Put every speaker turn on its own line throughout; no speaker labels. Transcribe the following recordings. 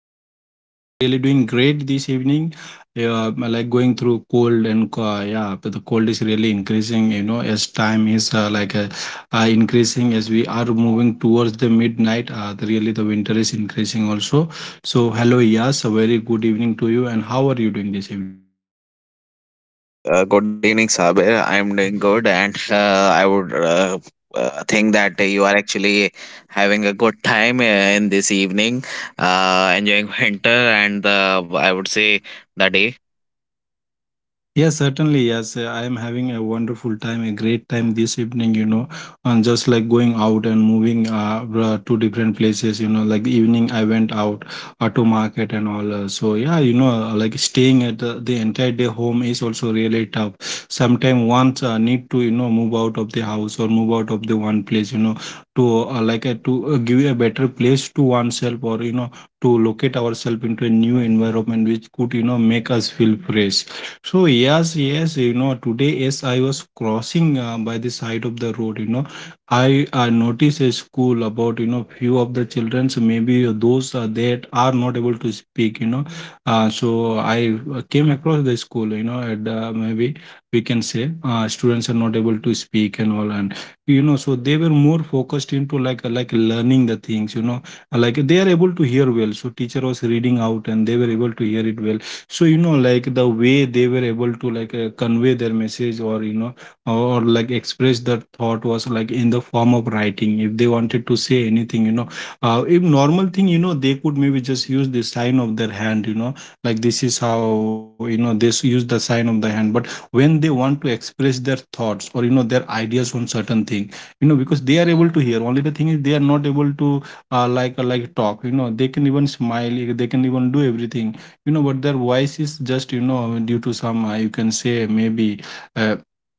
Anti. I am really doing great this evening. Yeah, I like going through cold and yeah, but the cold is really increasing. You know, as time is like increasing as we are moving towards the midnight. Really, the winter is increasing also. So hello, yes, a very good evening to you. And how are you doing this evening?
Uh, Good evening, Sabir. I'm doing good, and I would think that you are actually having a good time in this evening, enjoying winter and the I would say the day.
Yes, certainly. Yes. I am having a wonderful time, a great time this evening, and just like going out and moving to different places, like the evening I went out to market and all. So, yeah, like staying at the entire day home is also really tough. Sometimes once need to, move out of the house or move out of the one place, to like to give a better place to oneself, or to locate ourselves into a new environment which could, make us feel fresh. So yes, yes, today as I was crossing by the side of the road, I noticed a school about few of the childrens, maybe those that are not able to speak. So I came across the school, and maybe we can say students are not able to speak and all, and so they were more focused into like learning the things, like they are able to hear well. So teacher was reading out and they were able to hear it well. So like the way they were able to like convey their message, or or, like express their thought was like in the form of writing if they wanted to say anything. If normal thing, they could maybe just use the sign of their hand. Like this is how, they use the sign of the hand, but when they want to express their thoughts, or their ideas on certain thing, because they are able to hear. Only the thing is they are not able to like talk. They can even smile, they can even do everything, but their voice is just, due to some, you can say, maybe uh,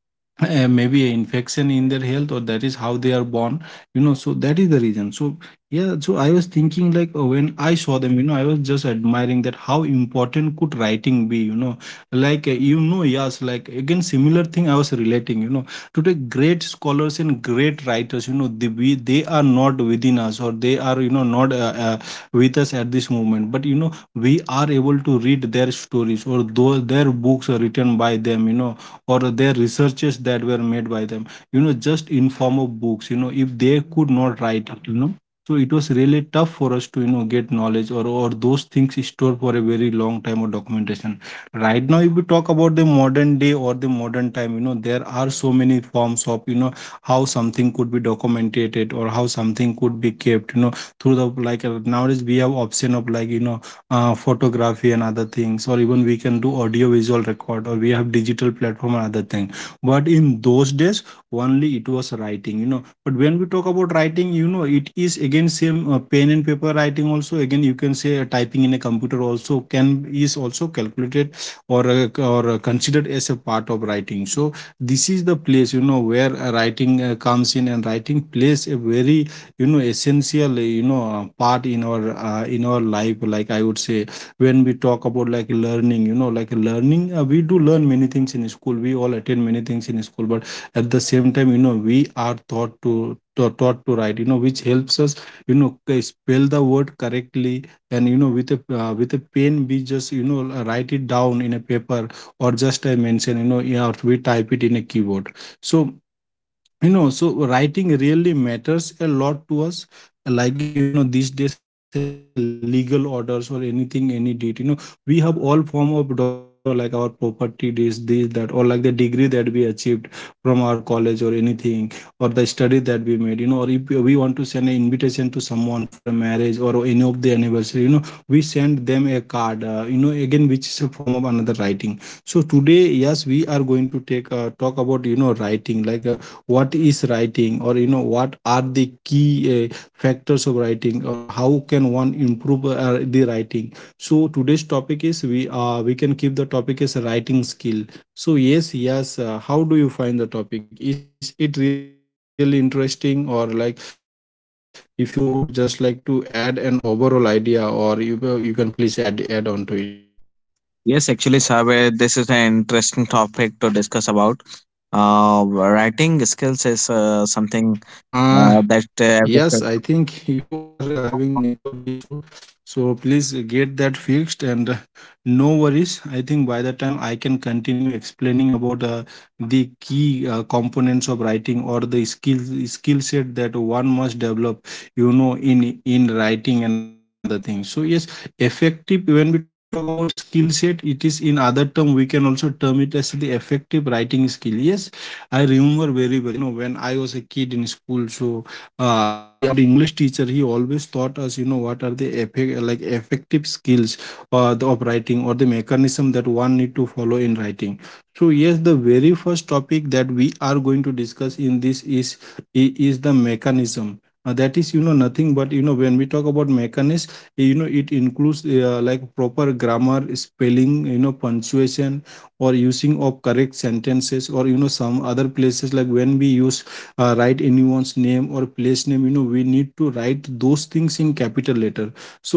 maybe a infection in their health, or that is how they are born, so that is the reason. So yeah, so I was thinking, like when I saw them, I was just admiring that how important could writing be. Like yes, like again similar thing I was relating, today great scholars and great writers, they are not within us, or they are, not with us at this moment, but we are able to read their stories, or those their books are written by them, or their researches that were made by them, just in form of books. If they could not write it, so it was really tough for us to, get knowledge, or those things stored for a very long time, or documentation. Right now if we talk about the modern day or the modern time, there are so many forms of, how something could be documented or how something could be kept, you know. Through the, like nowadays we have option of like, photography and other things, or even we can do audio visual record, or we have digital platform and other thing. But in those days only it was writing, you know. But when we talk about writing, it is again same pen and paper writing. Also again you can say typing in a computer also can is also calculated or considered as a part of writing. So this is the place, where writing comes in, and writing plays a very, essential, part in our, in our life, like I would say, when we talk about like learning, we do learn many things in school, we all attend many things in school, but at the same time, we are taught to taught to write, which helps us, spell the word correctly. And, with a pen we just, write it down in a paper. Or just I mentioned, yeah, or we type it in a keyboard. So, so writing really matters a lot to us, like, these days legal orders or anything any deed, we have all form of documented, like our property, this that, or like the degree that we achieved from our college or anything, or the study that we made, or if we want to send an invitation to someone for a marriage or any of the anniversary, we send them a card, again which is a form of another writing. So today, yes, we are going to take talk about, writing, like what is writing, or what are the key factors of writing, or how can one improve the writing. So today's topic is we can keep the topic as a writing skill. So yes, yes, how do you find the topic? Is it really interesting, or like if you would just like to add an overall idea, or you can please add on to it?
Yes, actually, Sabir, this is an interesting topic
Yes,
to
yes.
discuss about. Writing skills is
Uh,
something
Yes, I
that.
think you are having network issue, so please get that fixed, and no worries. I think by the time I can continue explaining about the key components of writing, or the skill set that one must develop, in writing and other things. So yes, effective. When we talk about skill set, it is in other term we can also term it as the effective writing skill. Yes, I remember very well. You know, when I was a kid in school, so the our english teacher, he always taught us, what are the effect, like effective skills of writing, or the mechanism that one need to follow in writing. So yes, the very first topic that we are going to discuss in this is is the mechanism. That is, nothing but, when we talk about mechanism, it includes like proper grammar, spelling, punctuation, or using of correct sentences, or some other places like when we use, write anyone's name or place name, we need to write those things in capital letter. So,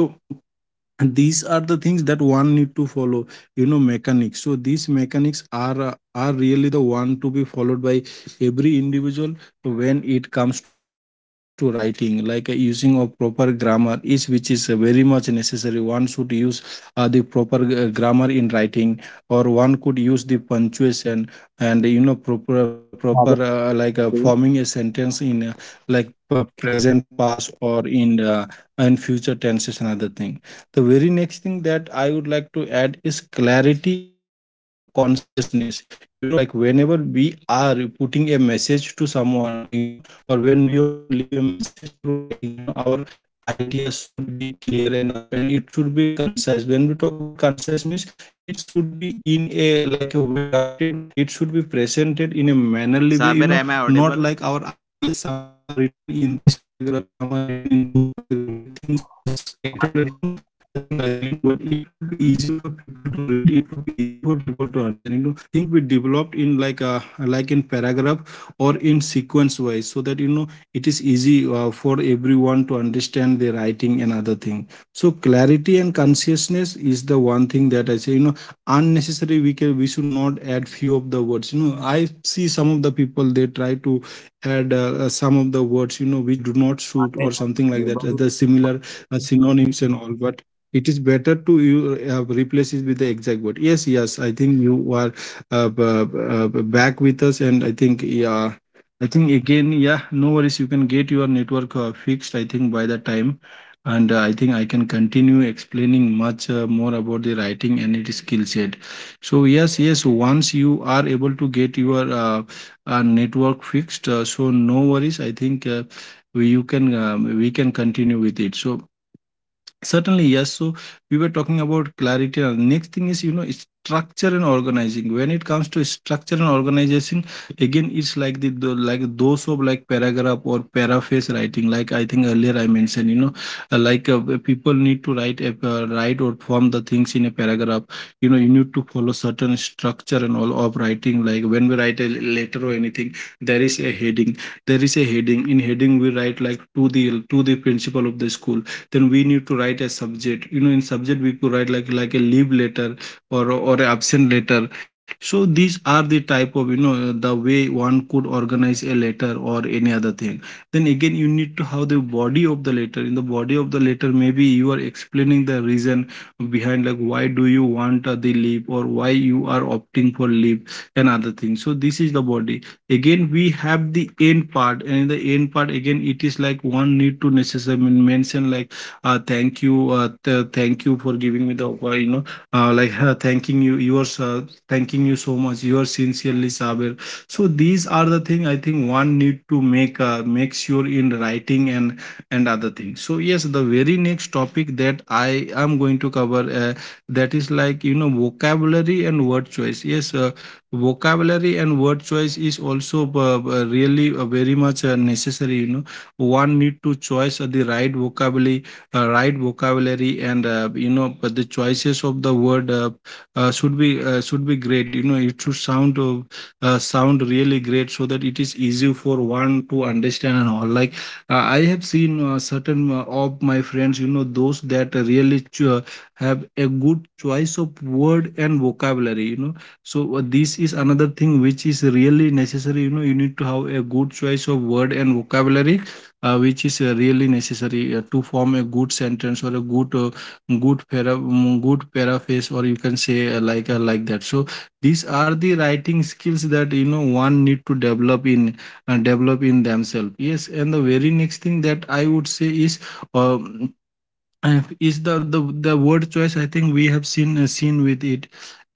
and these are the things that one need to follow, mechanics. So these mechanics are, are really the one to be followed by every individual when it comes to writing, like using a proper grammar is, which is very much necessary. One should use the proper grammar in writing, or one could use the punctuation, and, proper, like forming a
Sabir,
sentence in
कैसे हो?
like present past, or in future tenses. Another thing, the very next thing that I would like to add is clarity and consciousness. You know, like whenever we are putting a message to someone, or when we want to leave a message through writing, our ideas should be clear enough, and it should be concise. When we talk about concise means, it should be in a, like a well drafted way. It should be presented in a mannerly way, you know, not like our ideas some are
Sabir, am
written
I
in this
audible?
paragraph, some are written in those paragraph, like things are just scattered around. Nothing like that, but it could be easy for people to read, it could be easy for people to understand, you know. Things would be developed in like a, like in paragraph or in sequence wise, so that, it is easy for everyone to understand the writing and other thing. So clarity and consciousness is the one thing that I say, you know. Unnecessary, we should not add few of the words. I see some of the people they try to add some of the words you Know which do not suit or something like that, the similar
मैं
synonyms and all, but it is better to you replace it with the exact word. Yes, yes, I think you are uh, b- back with us, and I think yeah, I think again yeah, no worries. You can get your network fixed, I think, by the time. And I think I can continue explaining much more about the writing and its skill set. So yes, yes. Once you are able to get your network fixed, so no worries. I think we you can we can continue with it. So certainly, yes. So we were talking about clarity. Next thing is, you know, it's structure and organizing. When it comes to structure and organization, again, it's like the like those of like paragraph or paraphrase writing. Like I think earlier I mentioned, you know, people need to write or form the things in a paragraph. You know, you need to follow certain structure and all of writing. Like when we write a letter or anything, there is a heading. There is a heading. In heading, we write like to the principal of the school. Then we need to write a subject. You know, in subject, we could write like a leave letter or a absent letter. So these are the type of, you know, the way one could organize a letter or any other thing. Then again, you need to have the body of the letter. In the body of the letter, maybe you are explaining the reason behind, like, why do you want the leave or why you are opting for leave and other things. So this is the body. Again, we have the end part, and in the end part, again, it is like one need to necessarily mention like thank you, thank you for giving me the thanking you, yours thanking you so much. Yours sincerely, Saber. So these are the thing, I think, one need to make sure in writing and other things. So yes, the very next topic that I am going to cover, that is, like, you know, vocabulary and word choice. Yes, vocabulary and word choice is also really very much necessary, you know. One need to choose the right vocabulary, right vocabulary, and you know, but the choices of the word should be should be great, you know. It should sound sound really great, so that it is easy for one to understand and all. Like, I have seen certain of my friends, you know, those that have a good choice of word and vocabulary, you know. So this is another thing which is really necessary, you know. You need to have a good choice of word and vocabulary, which is really necessary to form a good sentence or a good good paraphrase, or you can say like that. So these are the writing skills that, you know, one need to develop in themselves. Yes, and the very next thing that I would say um is the word choice. I think we have seen with it,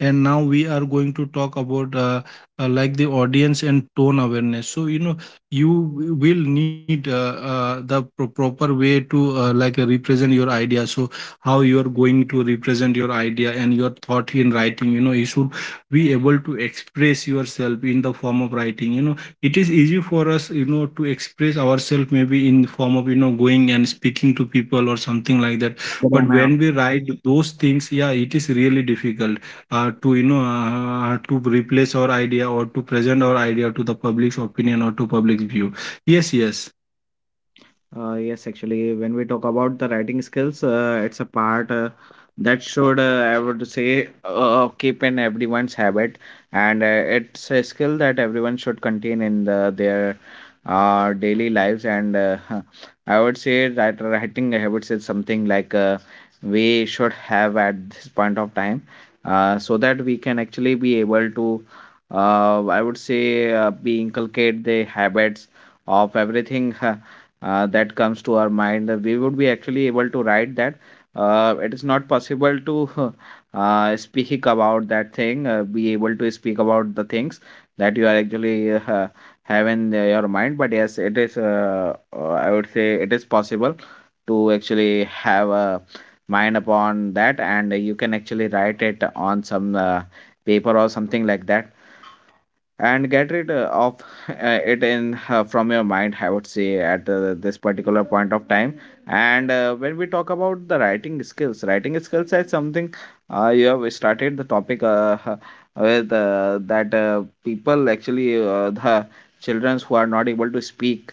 and now we are going to talk about like the audience and tone awareness. So, you know, you will need the proper way to represent your idea. So how you are going to represent your idea and your thought in writing, you know, you should be able to express yourself in the form of writing. You know, it is easy for us, you know, to express ourselves maybe in the form of, you know, going and speaking to people or something like that,
Good
but when
amount.
we write those things, yeah, it is really difficult to, you know, to replace our idea or to present our idea to the public's opinion or to public's view. Yes, yes.
Yes, actually, when we talk about the writing skills, it's a part that should, I would say, keep in everyone's habit, and it's a skill that everyone should contain in their daily lives. And I would say that writing habits is something like we should have at this point of time, so that we can actually be able to, I would say, be inculcate the habits of everything that comes to our mind. We would be actually able to write that. It is not possible to speak about that thing, be able to speak about the things that you are actually have in your mind. But yes, it is, I would say, it is possible to actually have a mind upon that, and you can actually write it on some paper or something like that and get rid of it in from your mind, I would say, at this particular point of time. And when we talk about the writing skills, writing skills is something, you have started the topic with that people actually, the children who are not able to speak,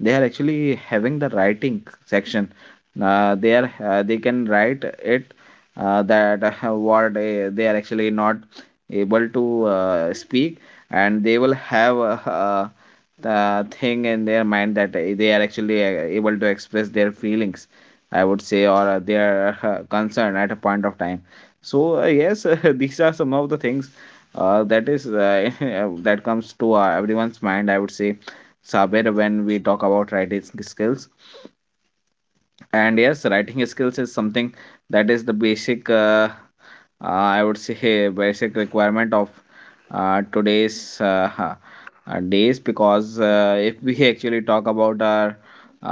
they are actually having the writing section. They are, they can write it that what they are actually not able to speak, and they will have the thing in their mind that they are actually able to express their feelings, I would say, or their concern at a point of time. So yes, these are some of the things that is, that comes to everyone's mind, I would say, Saber, when we talk about writing skills. And yes, writing skills is something that is the basic, I would say, a basic requirement of today's days, because if we actually talk about our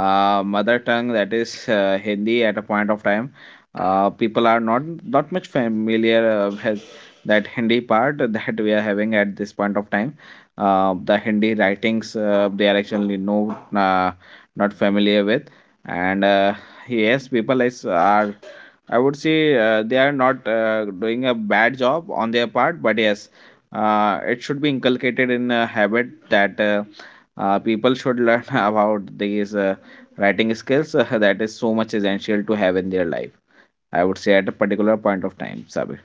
mother tongue, that is Hindi, at a point of time, people are not much familiar with that Hindi part that we are having at this point of time. The Hindi writings they are actually uh, not familiar with, and yes, people is are, I would say, they are not doing a bad job on their part, but yes, it should be inculcated in a habit that, people should learn about these writing skills that is so much essential to have in their life. I would say, at a particular point of time, Sabir.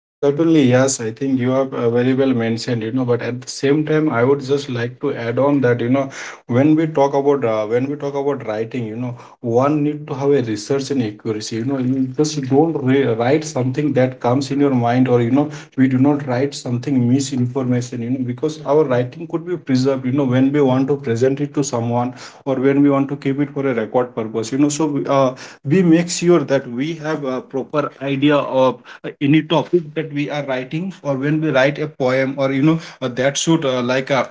Yeah, certainly, yes. I think you have very well mentioned, you know, but at the same time, I would just like to add on that, you know, when we talk about writing, you know, one need to have a research and accuracy. You know, you just don't re write something that comes in your mind, or, you know, we do not write something misinformation, you know, because our writing could be preserved, you know, when we want to present it to someone or when we want to keep it for a record purpose, you know. So we make sure that we have a proper idea of any topic that we are writing, or when we write a poem, or you know, that should like a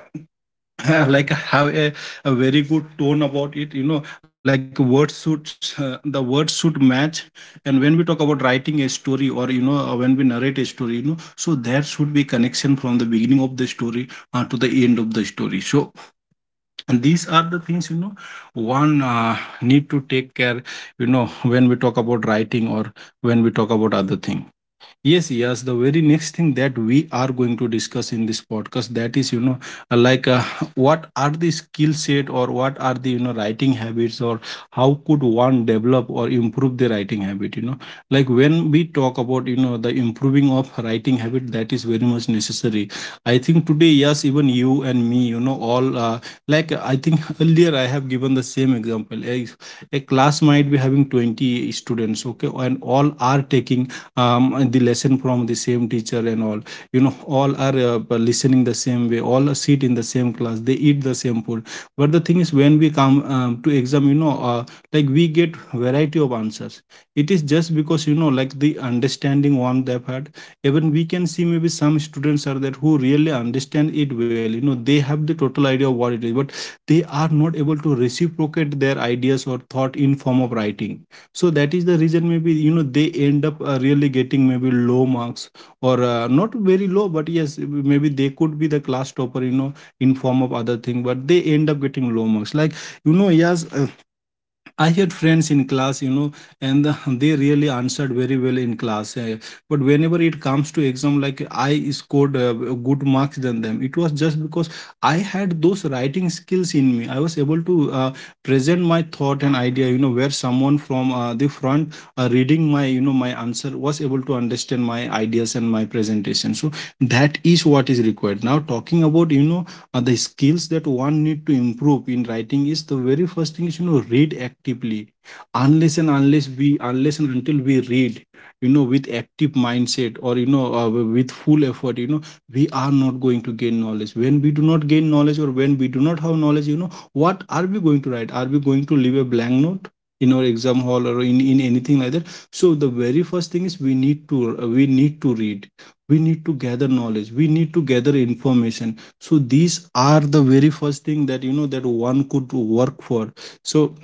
like have a very good tone about it, you know. Like words should the words should match. And when we talk about writing a story, or you know, when we narrate a story, you know, so there should be connection from the beginning of the story to the end of the story. So, and these are the things, you know, one need to take care, you know, when we talk about writing or when we talk about other thing. Yes, yes. The very next thing that we are going to discuss in this podcast, that is, you know, uh, like uh, what are the skill set, or what are the, you know, writing habits, or how could one develop or improve the writing habit, you know. Like when we talk about, you know, the improving of writing habit, that is very much necessary. I think today, yes, even you and me, you know, all like, I think earlier I have given the same example. A class might be having 20 students, okay, and all are taking the lesson from the same teacher, and all, you know, all are listening the same way, all sit in the same class, they eat the same food. But the thing is, when we come to exam, you know, like we get variety of answers. It is just because, you know, like the understanding one they've had. Even we can see, maybe some students are there who really understand it well, you know, they have the total idea of what it is, but they are not able to reciprocate their ideas or thought in form of writing. So that is the reason maybe, you know, they end up really getting maybe low marks, or not very low, but yes, maybe they could be the class topper, you know, in form of other thing, but they end up getting low marks. Like, you know, yes, I had friends in class, you know, and they really answered very well in class. But whenever it comes to exam, like I scored good marks than them. It was just because I had those writing skills in me. I was able to present my thought and idea, you know, where someone from the front reading my, you know, my answer was able to understand my ideas and my presentation. So that is what is required. Now talking about, the skills that one need to improve in writing is the very first thing is read actively. Unless and unless we unless and until we read with active mindset or with full effort. We are not going to gain knowledge. When we do not gain knowledge, or when we do not have knowledge, what are we going to write? Are we going to leave a blank note in our exam hall or in anything like that? So the very first thing is, we need to read, we need to gather knowledge, we need to gather information. So these are the very first thing that that one could work for. So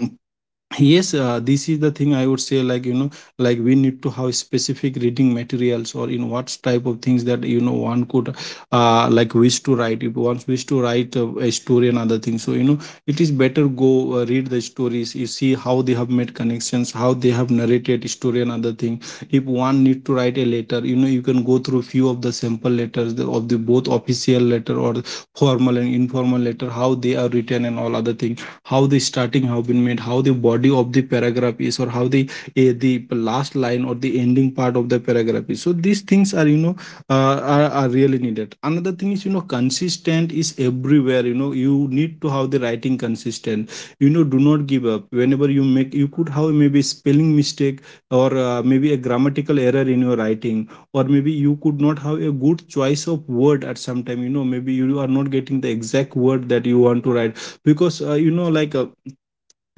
yes, this is the thing I would say, like, like we need to have specific reading materials, or in what type of things that one could like wish to write. If one wish to write a story and other things, so, it is better go read the stories. You see how they have made connections, how they have narrated story and other thing. If one need to write a letter, you can go through few of the sample letters, of the both official letter, or formal and informal letter, how they are written and all other things. How the starting have been made, how the body of the paragraph is, or the last line or the ending part of the paragraph is. So these things are, are really needed. Another thing is, consistent is everywhere. You need to have the writing consistent. Do not give up whenever you make. You could have maybe spelling mistake, or maybe a grammatical error in your writing, or maybe you could not have a good choice of word at some time. Maybe you are not getting the exact word that you want to write, because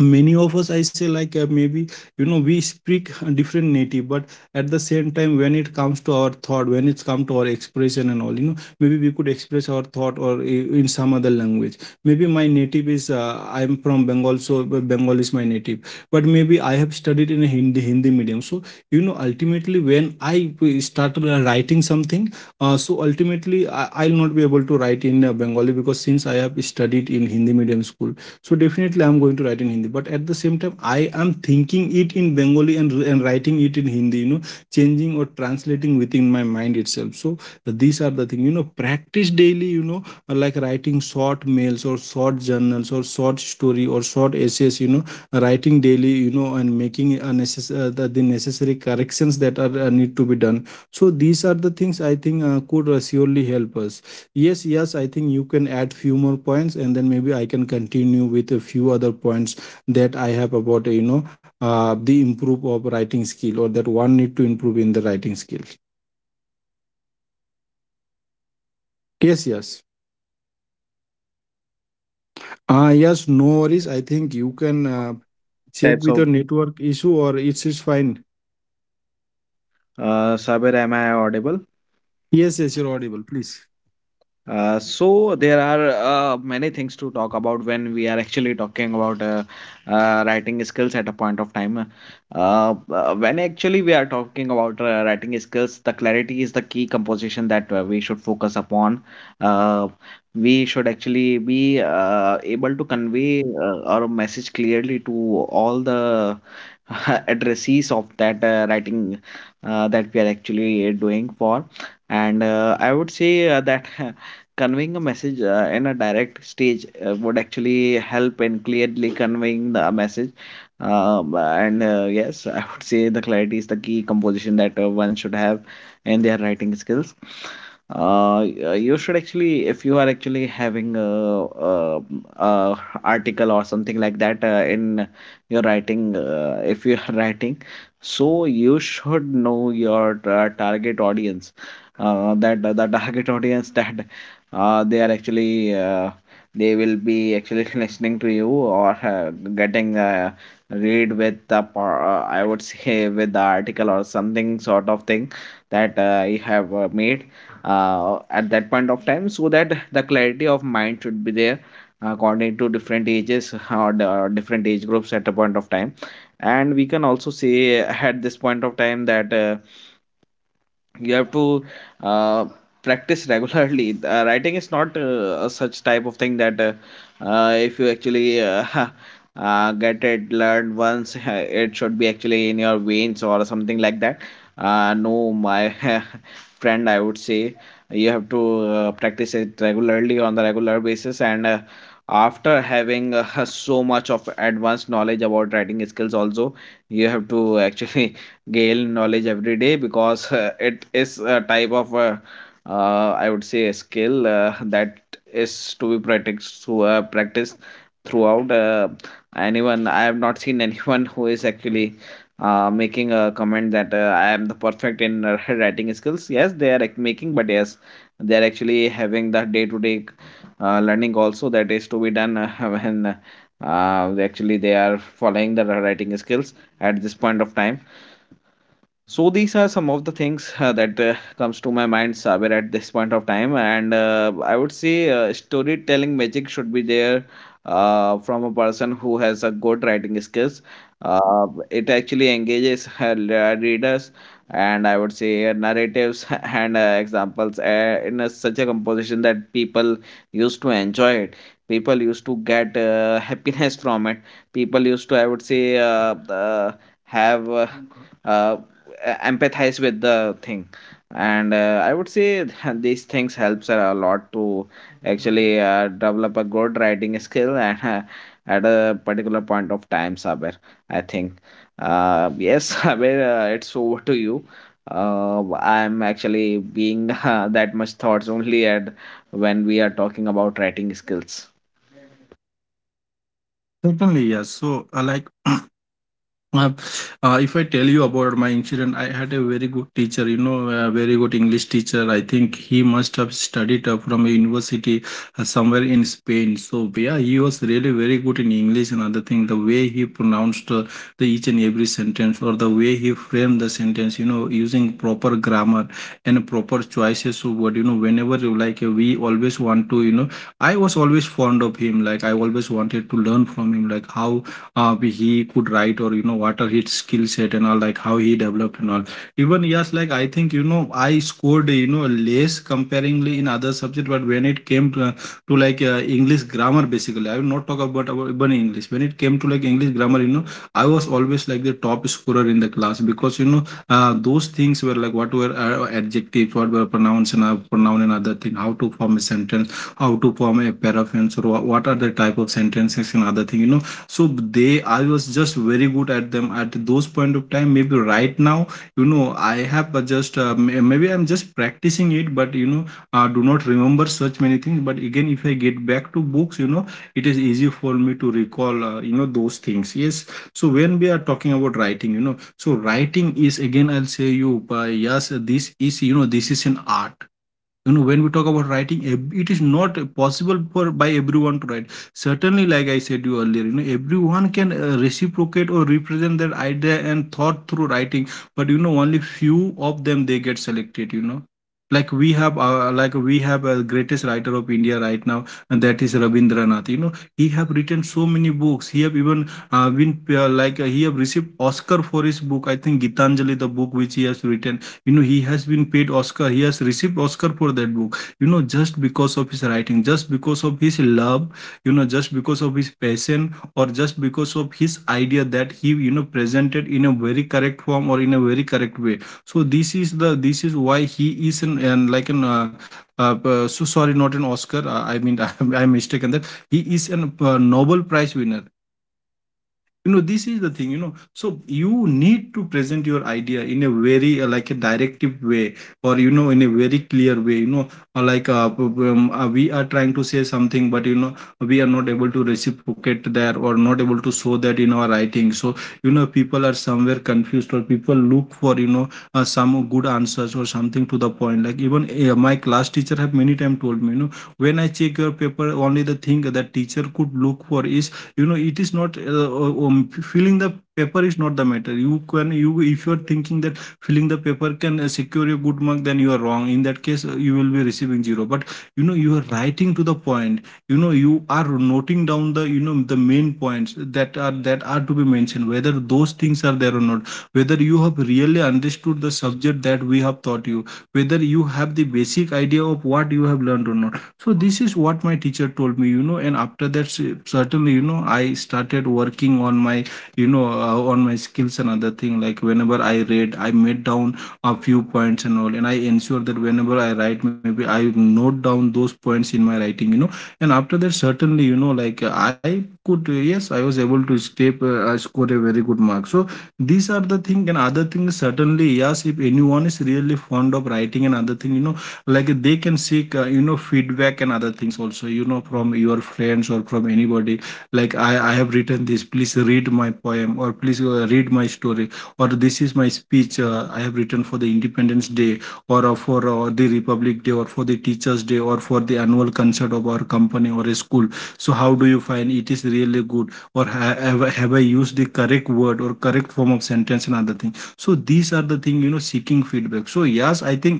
many of us, I say, like, maybe we speak a different native. But at the same time, when it comes to our thought, when it's come to our expression and all, maybe we could express our thought or in some other language. Maybe my native is I'm from Bengal, so Bengal is my native. But maybe I have studied in a Hindi medium. So, ultimately, when I started writing something, so ultimately, I'll not be able to write in Bengali, because since I have studied in Hindi medium school, so definitely I'm going to write in Hindi. But at the same time, I am thinking it in Bengali and, writing it in Hindi. Changing or translating within my mind itself. So these are the thing. Practice daily. Like writing short mails or short journals or short story or short essays. Writing daily, and making a the necessary corrections that are need to be done. So these are the things I think could surely help us. Yes, yes, I think you can add few more points, and then maybe I can continue with a few other points that I have about, the improve of writing skill, or that one need to improve in the writing skill. Yes, yes. Yes, no worries. I think you can
Types
check with
of
your network issue, or it's fine.
Sabir, am I audible?
Yes, yes, you're audible, please.
So there are many things to talk about when we are actually talking about writing skills at a point of time. When actually we are talking about writing skills, the clarity is the key composition that we should focus upon. Uh, we should actually be able to convey our message clearly to all the addressees of that writing that we are actually doing for. And I would say that. Conveying a message in a direct stage would actually help in clearly conveying the message. And Yes, I would say the clarity is the key composition that one should have in their writing skills. You should actually, if you are actually having a, uh article or something like that in your writing, if you are writing, so you should know your target audience, that the target audience that they are actually, they will be actually listening to you or getting read with the I would say, with the article or something sort of thing that you have made at that point of time, so that the clarity of mind should be there according to different ages, or, or different age groups at a point of time. And we can also say at this point of time that, you have to uh, practice regularly. Writing is not a such type of thing that, if you actually get it learned once, it should be actually in your veins or something like that. No, my friend, I would say, you have to practice it regularly on the regular basis, and after having so much of advanced knowledge about writing skills also, you have to actually gain knowledge every day, because it is a type of, I would say, a skill that is to be practiced throughout, anyone I have not seen anyone who is actually making a comment that, I am the perfect in writing skills. Yes, they are making, but yes, they are actually having the day to day learning also that is to be done when actually they are following the writing skills at this point of time. So these are some of the things that comes to my mind, Sabir, at this point of time, and I would say storytelling magic should be there from a person who has a good writing skills. It actually engages her readers, and I would say narratives and examples in such a composition that people used to enjoy it. People used to get happiness from it. People used to, I would say, uh, have. Uh, Empathize with the thing, and I would say, these things helps a lot to actually develop a good writing skill, and at a particular point of time, Saber. I think, yes, Saber, it's over to you. uh, I'm actually being that much thoughts only at, when we are talking about writing skills.
Certainly, yes. So, like, Uh, if I tell you about my incident, I had a very good teacher, a very good English teacher. I think he must have studied from a university somewhere in Spain. So, yeah, he was really very good in English. Another thing, the way he pronounced the each and every sentence, or the way he framed the sentence, using proper grammar and proper choices of word. Whenever you like, we always want to, I was always fond of him. Like, I always wanted to learn from him, like, how he could write, or what are his skill set and all, like how he developed and all. Even, yes, like I think, I scored, less comparingly, in other subject. But when it came to like English grammar. Basically I will not talk about even English. When it came to like English grammar, I was always like the top scorer in the class, because those things were like, what were adjectives, what were pronouns and pronoun and other thing, how to form a sentence, how to form a paraphrase, or what are the type of sentences and other thing. So they I was just very good at them at those point of time. Maybe right now I have maybe I'm just practicing it. But I do not remember such many things. But again, if I get back to books, it is easy for me to recall, those things, yes. So when we are talking about writing, so writing is, again, I'll say you, yes, this is, this is an art. When we talk about writing, it is not possible for by everyone to write. Certainly, like I said you earlier, everyone can reciprocate or represent their idea and thought through writing, but only few of them, they get selected. Like we have a greatest writer of India right now, and that is Rabindranath. He have written so many books. He have even been like he have received Oscar for his book, I think Gitanjali, the book which he has written. He has been paid Oscar, he has received Oscar for that book, just because of his writing, just because of his love, just because of his passion, or just because of his idea, that he, presented in a very correct form, or in a very correct way. So this is the this is why he is an, so sorry, not an Oscar, I mean, I'm mistaken that he is an Nobel Prize winner. This is the thing. So you need to present your idea in a very like a directive way, or in a very clear way. You know like p- p- We are trying to say something, but we are not able to reciprocate that, or not able to show that in our writing. So, people are somewhere confused, or people look for, some good answers or something to the point. Like, even my class teacher have many time told me, when I check your paper, only the thing that teacher could look for is, it is not filling the paper is not the matter. You, if you are thinking that filling the paper can secure a good mark, then you are wrong. In that case, you will be receiving zero. But you are writing to the point. You are noting down the the main points that are to be mentioned, whether those things are there or not, whether you have really understood the subject that we have taught you, whether you have the basic idea of what you have learned or not. So this is what my teacher told me. And after that, certainly, I started working on my, on my skills and other thing, like whenever I read, I made down a few points and all, and I ensure that whenever I write, maybe I note down those points in my writing. And after that, certainly, like, I could, yes, I was able to escape. I scored a very good mark blog. So these are the thing. And other things, certainly, yes, if anyone is really fond of writing and other thing, like, they can seek feedback and other things also, from your friends or from anybody, like, I have written this, please read my poem, or please read my story, or this is my speech, I have written for the Independence Day, or for the Republic Day, or for the Teachers Day, or for the annual concert of our company or a school. So how do you find it? Is really good, or have I used the correct word or correct form of sentence and other thing? So these are the thing. Seeking feedback. So yes, I think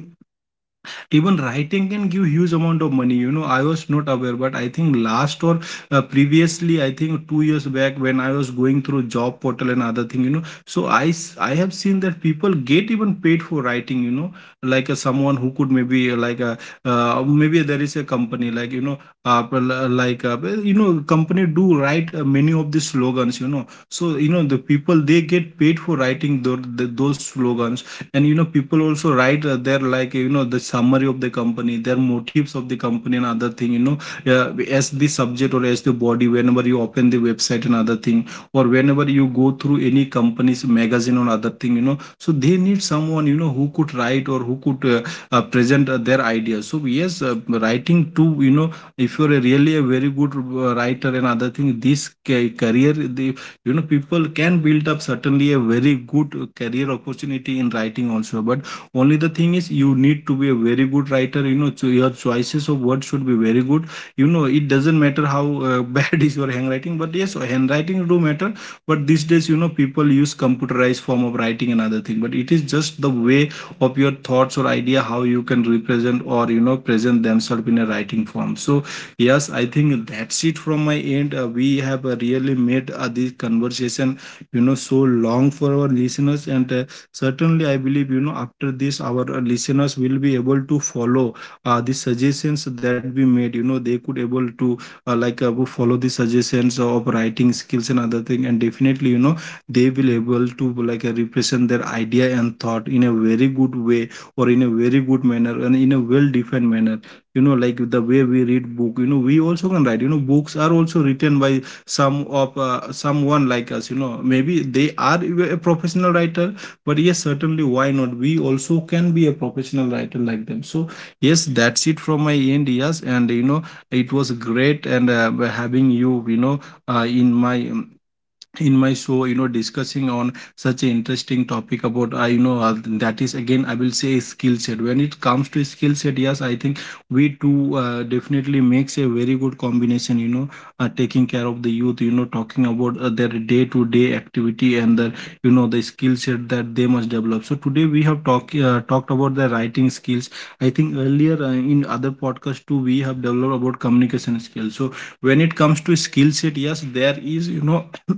even writing can give huge amount of money. I was not aware, but I think last, or previously, I think 2 years back, when I was going through job portal and other thing, so I have seen that people get even paid for writing. Like, someone who could, maybe like a, maybe there is a company, like, uh, like uh, company do write many of the slogans. So, the people, they get paid for writing those slogans. And people also write their, like, the summary of the company, their motives of the company and other thing. Uh, as the subject or as the body, whenever you open the website and other thing, or whenever you go through any company's magazine or other thing. So they need someone, you Know who could write or who could present their ideas. So yes, writing too, you know, if you're a really a very good writer and other thing, career, the you know, people can build up certainly a very good career opportunity in writing also. But only the thing is you need to be a very good writer, you know, so your choices of words should be very good. You know, it doesn't matter how bad is your handwriting, but yes, handwriting do matter. But these days, you know, people use computerized form of writing and other thing, but it is just the way of your thoughts or idea how you can represent or, you know, present themselves in a writing form. So yes, I think that's it from my end. We have really made this conversation, you know, so long for our listeners, and certainly I believe, you know, after this our listeners will be able to follow the suggestions that we made, you know, they could able to like follow the suggestions of writing skills and other thing. And definitely, you know, they will able to like represent their idea and thought in a very good way or in a very good manner and in a well defined manner. You know, like the way we read book, you know, we also can write. You know, books are also written by some of someone like us, you know. Maybe they are a professional writer, but yes, certainly, why not, we also can be a professional writer like them. So yes, that's it from my end. Yes, and you know, it was great, and having you, you know, uh, in my um, in my show, you know, discussing on such an interesting topic about I, you know, that is again, I will say, skill set. When it comes to skill set, yes, I think we two definitely makes a very good combination, you know, taking care of the youth, you know, talking about their day to day activity and the, you know, the skill set that they must develop. So today we have talked about the writing skills. I think earlier, in other podcast too, we have developed about communication skills. So when it comes to skill set, yes, there is, you know,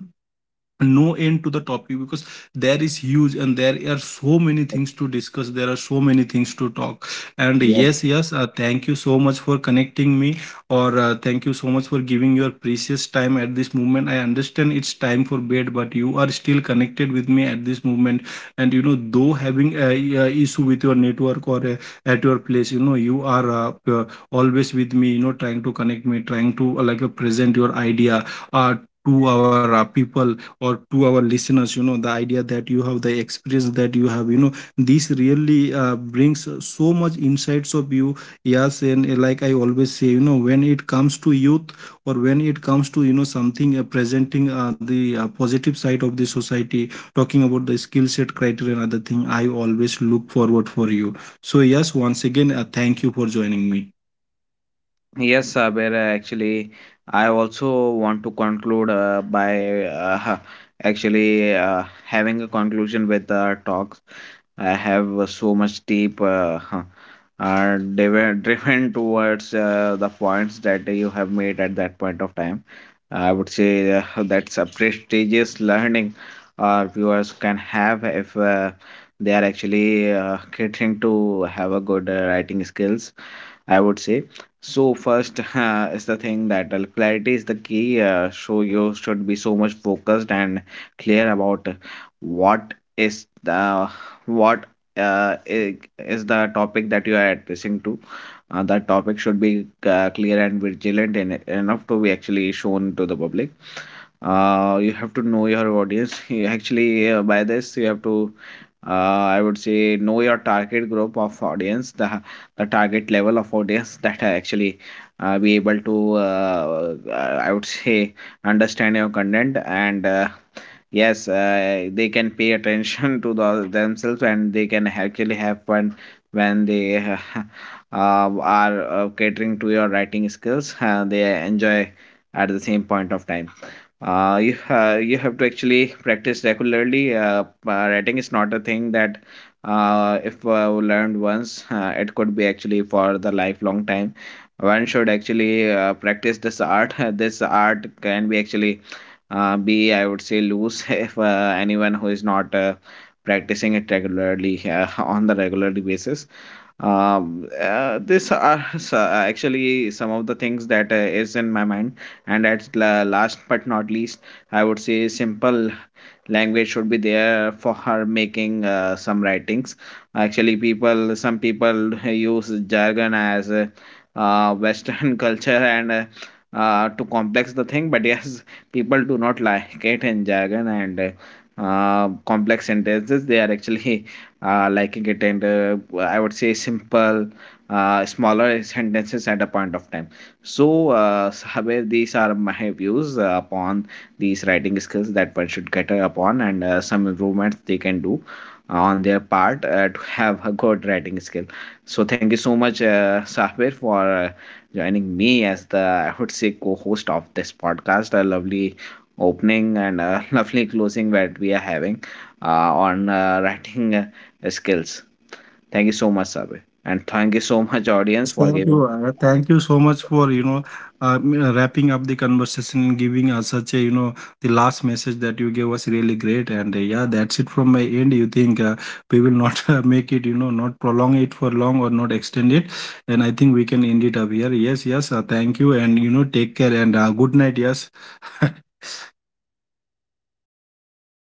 no end to the topic, because there is huge and there are so many things to discuss, there are so many things to talk. And yes, yes, thank you so much for connecting me, or thank you so much for giving your precious time at this moment. I understand it's time for bed, but you are still connected with me at this moment. And you know, though having a, issue with your network or at your place, you know, you are always with me, you know, trying to connect me, trying to like present your idea uh, to our people or to our listeners, you know, the idea that you have, the experience that you have, you know, this really brings so much insights of you. Yes, and like I always say, you know, when it comes to youth, or when it comes to, you know, something presenting the positive side of the society, talking about the skill set criteria and other thing, I always look forward for you. So yes, once again, thank you for joining me.
Yes, Sabir, actually, I also want to conclude by actually having a conclusion with the talks. I have so much deep, are driven driven towards the points that you have made at that point of time. I would say, that's a prestigious learning our viewers can have if they are actually catering to have a good writing skills, I would say. So first, is the thing that, clarity is the key. So you should be so much focused and clear about what is the what uh, i- is the topic that you are addressing to. That topic should be clear and vigilant enough to be actually shown to the public. You have to know your audience. You actually By this, you have to, uh, I would say, know your target group of audience, the target level of audience, that are actually be able to, I would say, understand your content, and yes, they can pay attention to themselves, and they can actually have fun when they uh, are catering to your writing skills, they enjoy at the same point of time. You have to actually practice regularly. Writing is not a thing that, if learned once, it could be actually for the lifelong time. One should actually practice this art. This art can be actually I would say, loose, if anyone who is not practicing it regularly on the regular basis. This are actually some of the things that is in my mind, and at last but not least, I would say, simple language should be there for her making some writings. Actually, people some people use jargon as, western culture, and to complex the thing. But yes, people do not like it in jargon, and complex sentences they are actually liking it. And I would say simple, smaller sentences at a point of time. So Saber, these are my views upon these writing skills that one should get upon, and some improvements they can do on their part to have a good writing skill. So thank you so much Sahbir, for joining me as the, I would say, co-host of this podcast. A lovely opening and a lovely closing that we are having on writing skills. Thank you so much, Sahbir, and thank you so much audience
Thank
for
you.
giving
Thank you so much for, you know, uh, wrapping up the conversation and giving us such a, you know, the last message that you gave was really great. And yeah, that's it from my end. You think we will not make it, you know, not prolong it for long or not extend it. And I think we can end it up here. Yes, yes. Thank you. And, you know, take care and good night. Yes.
good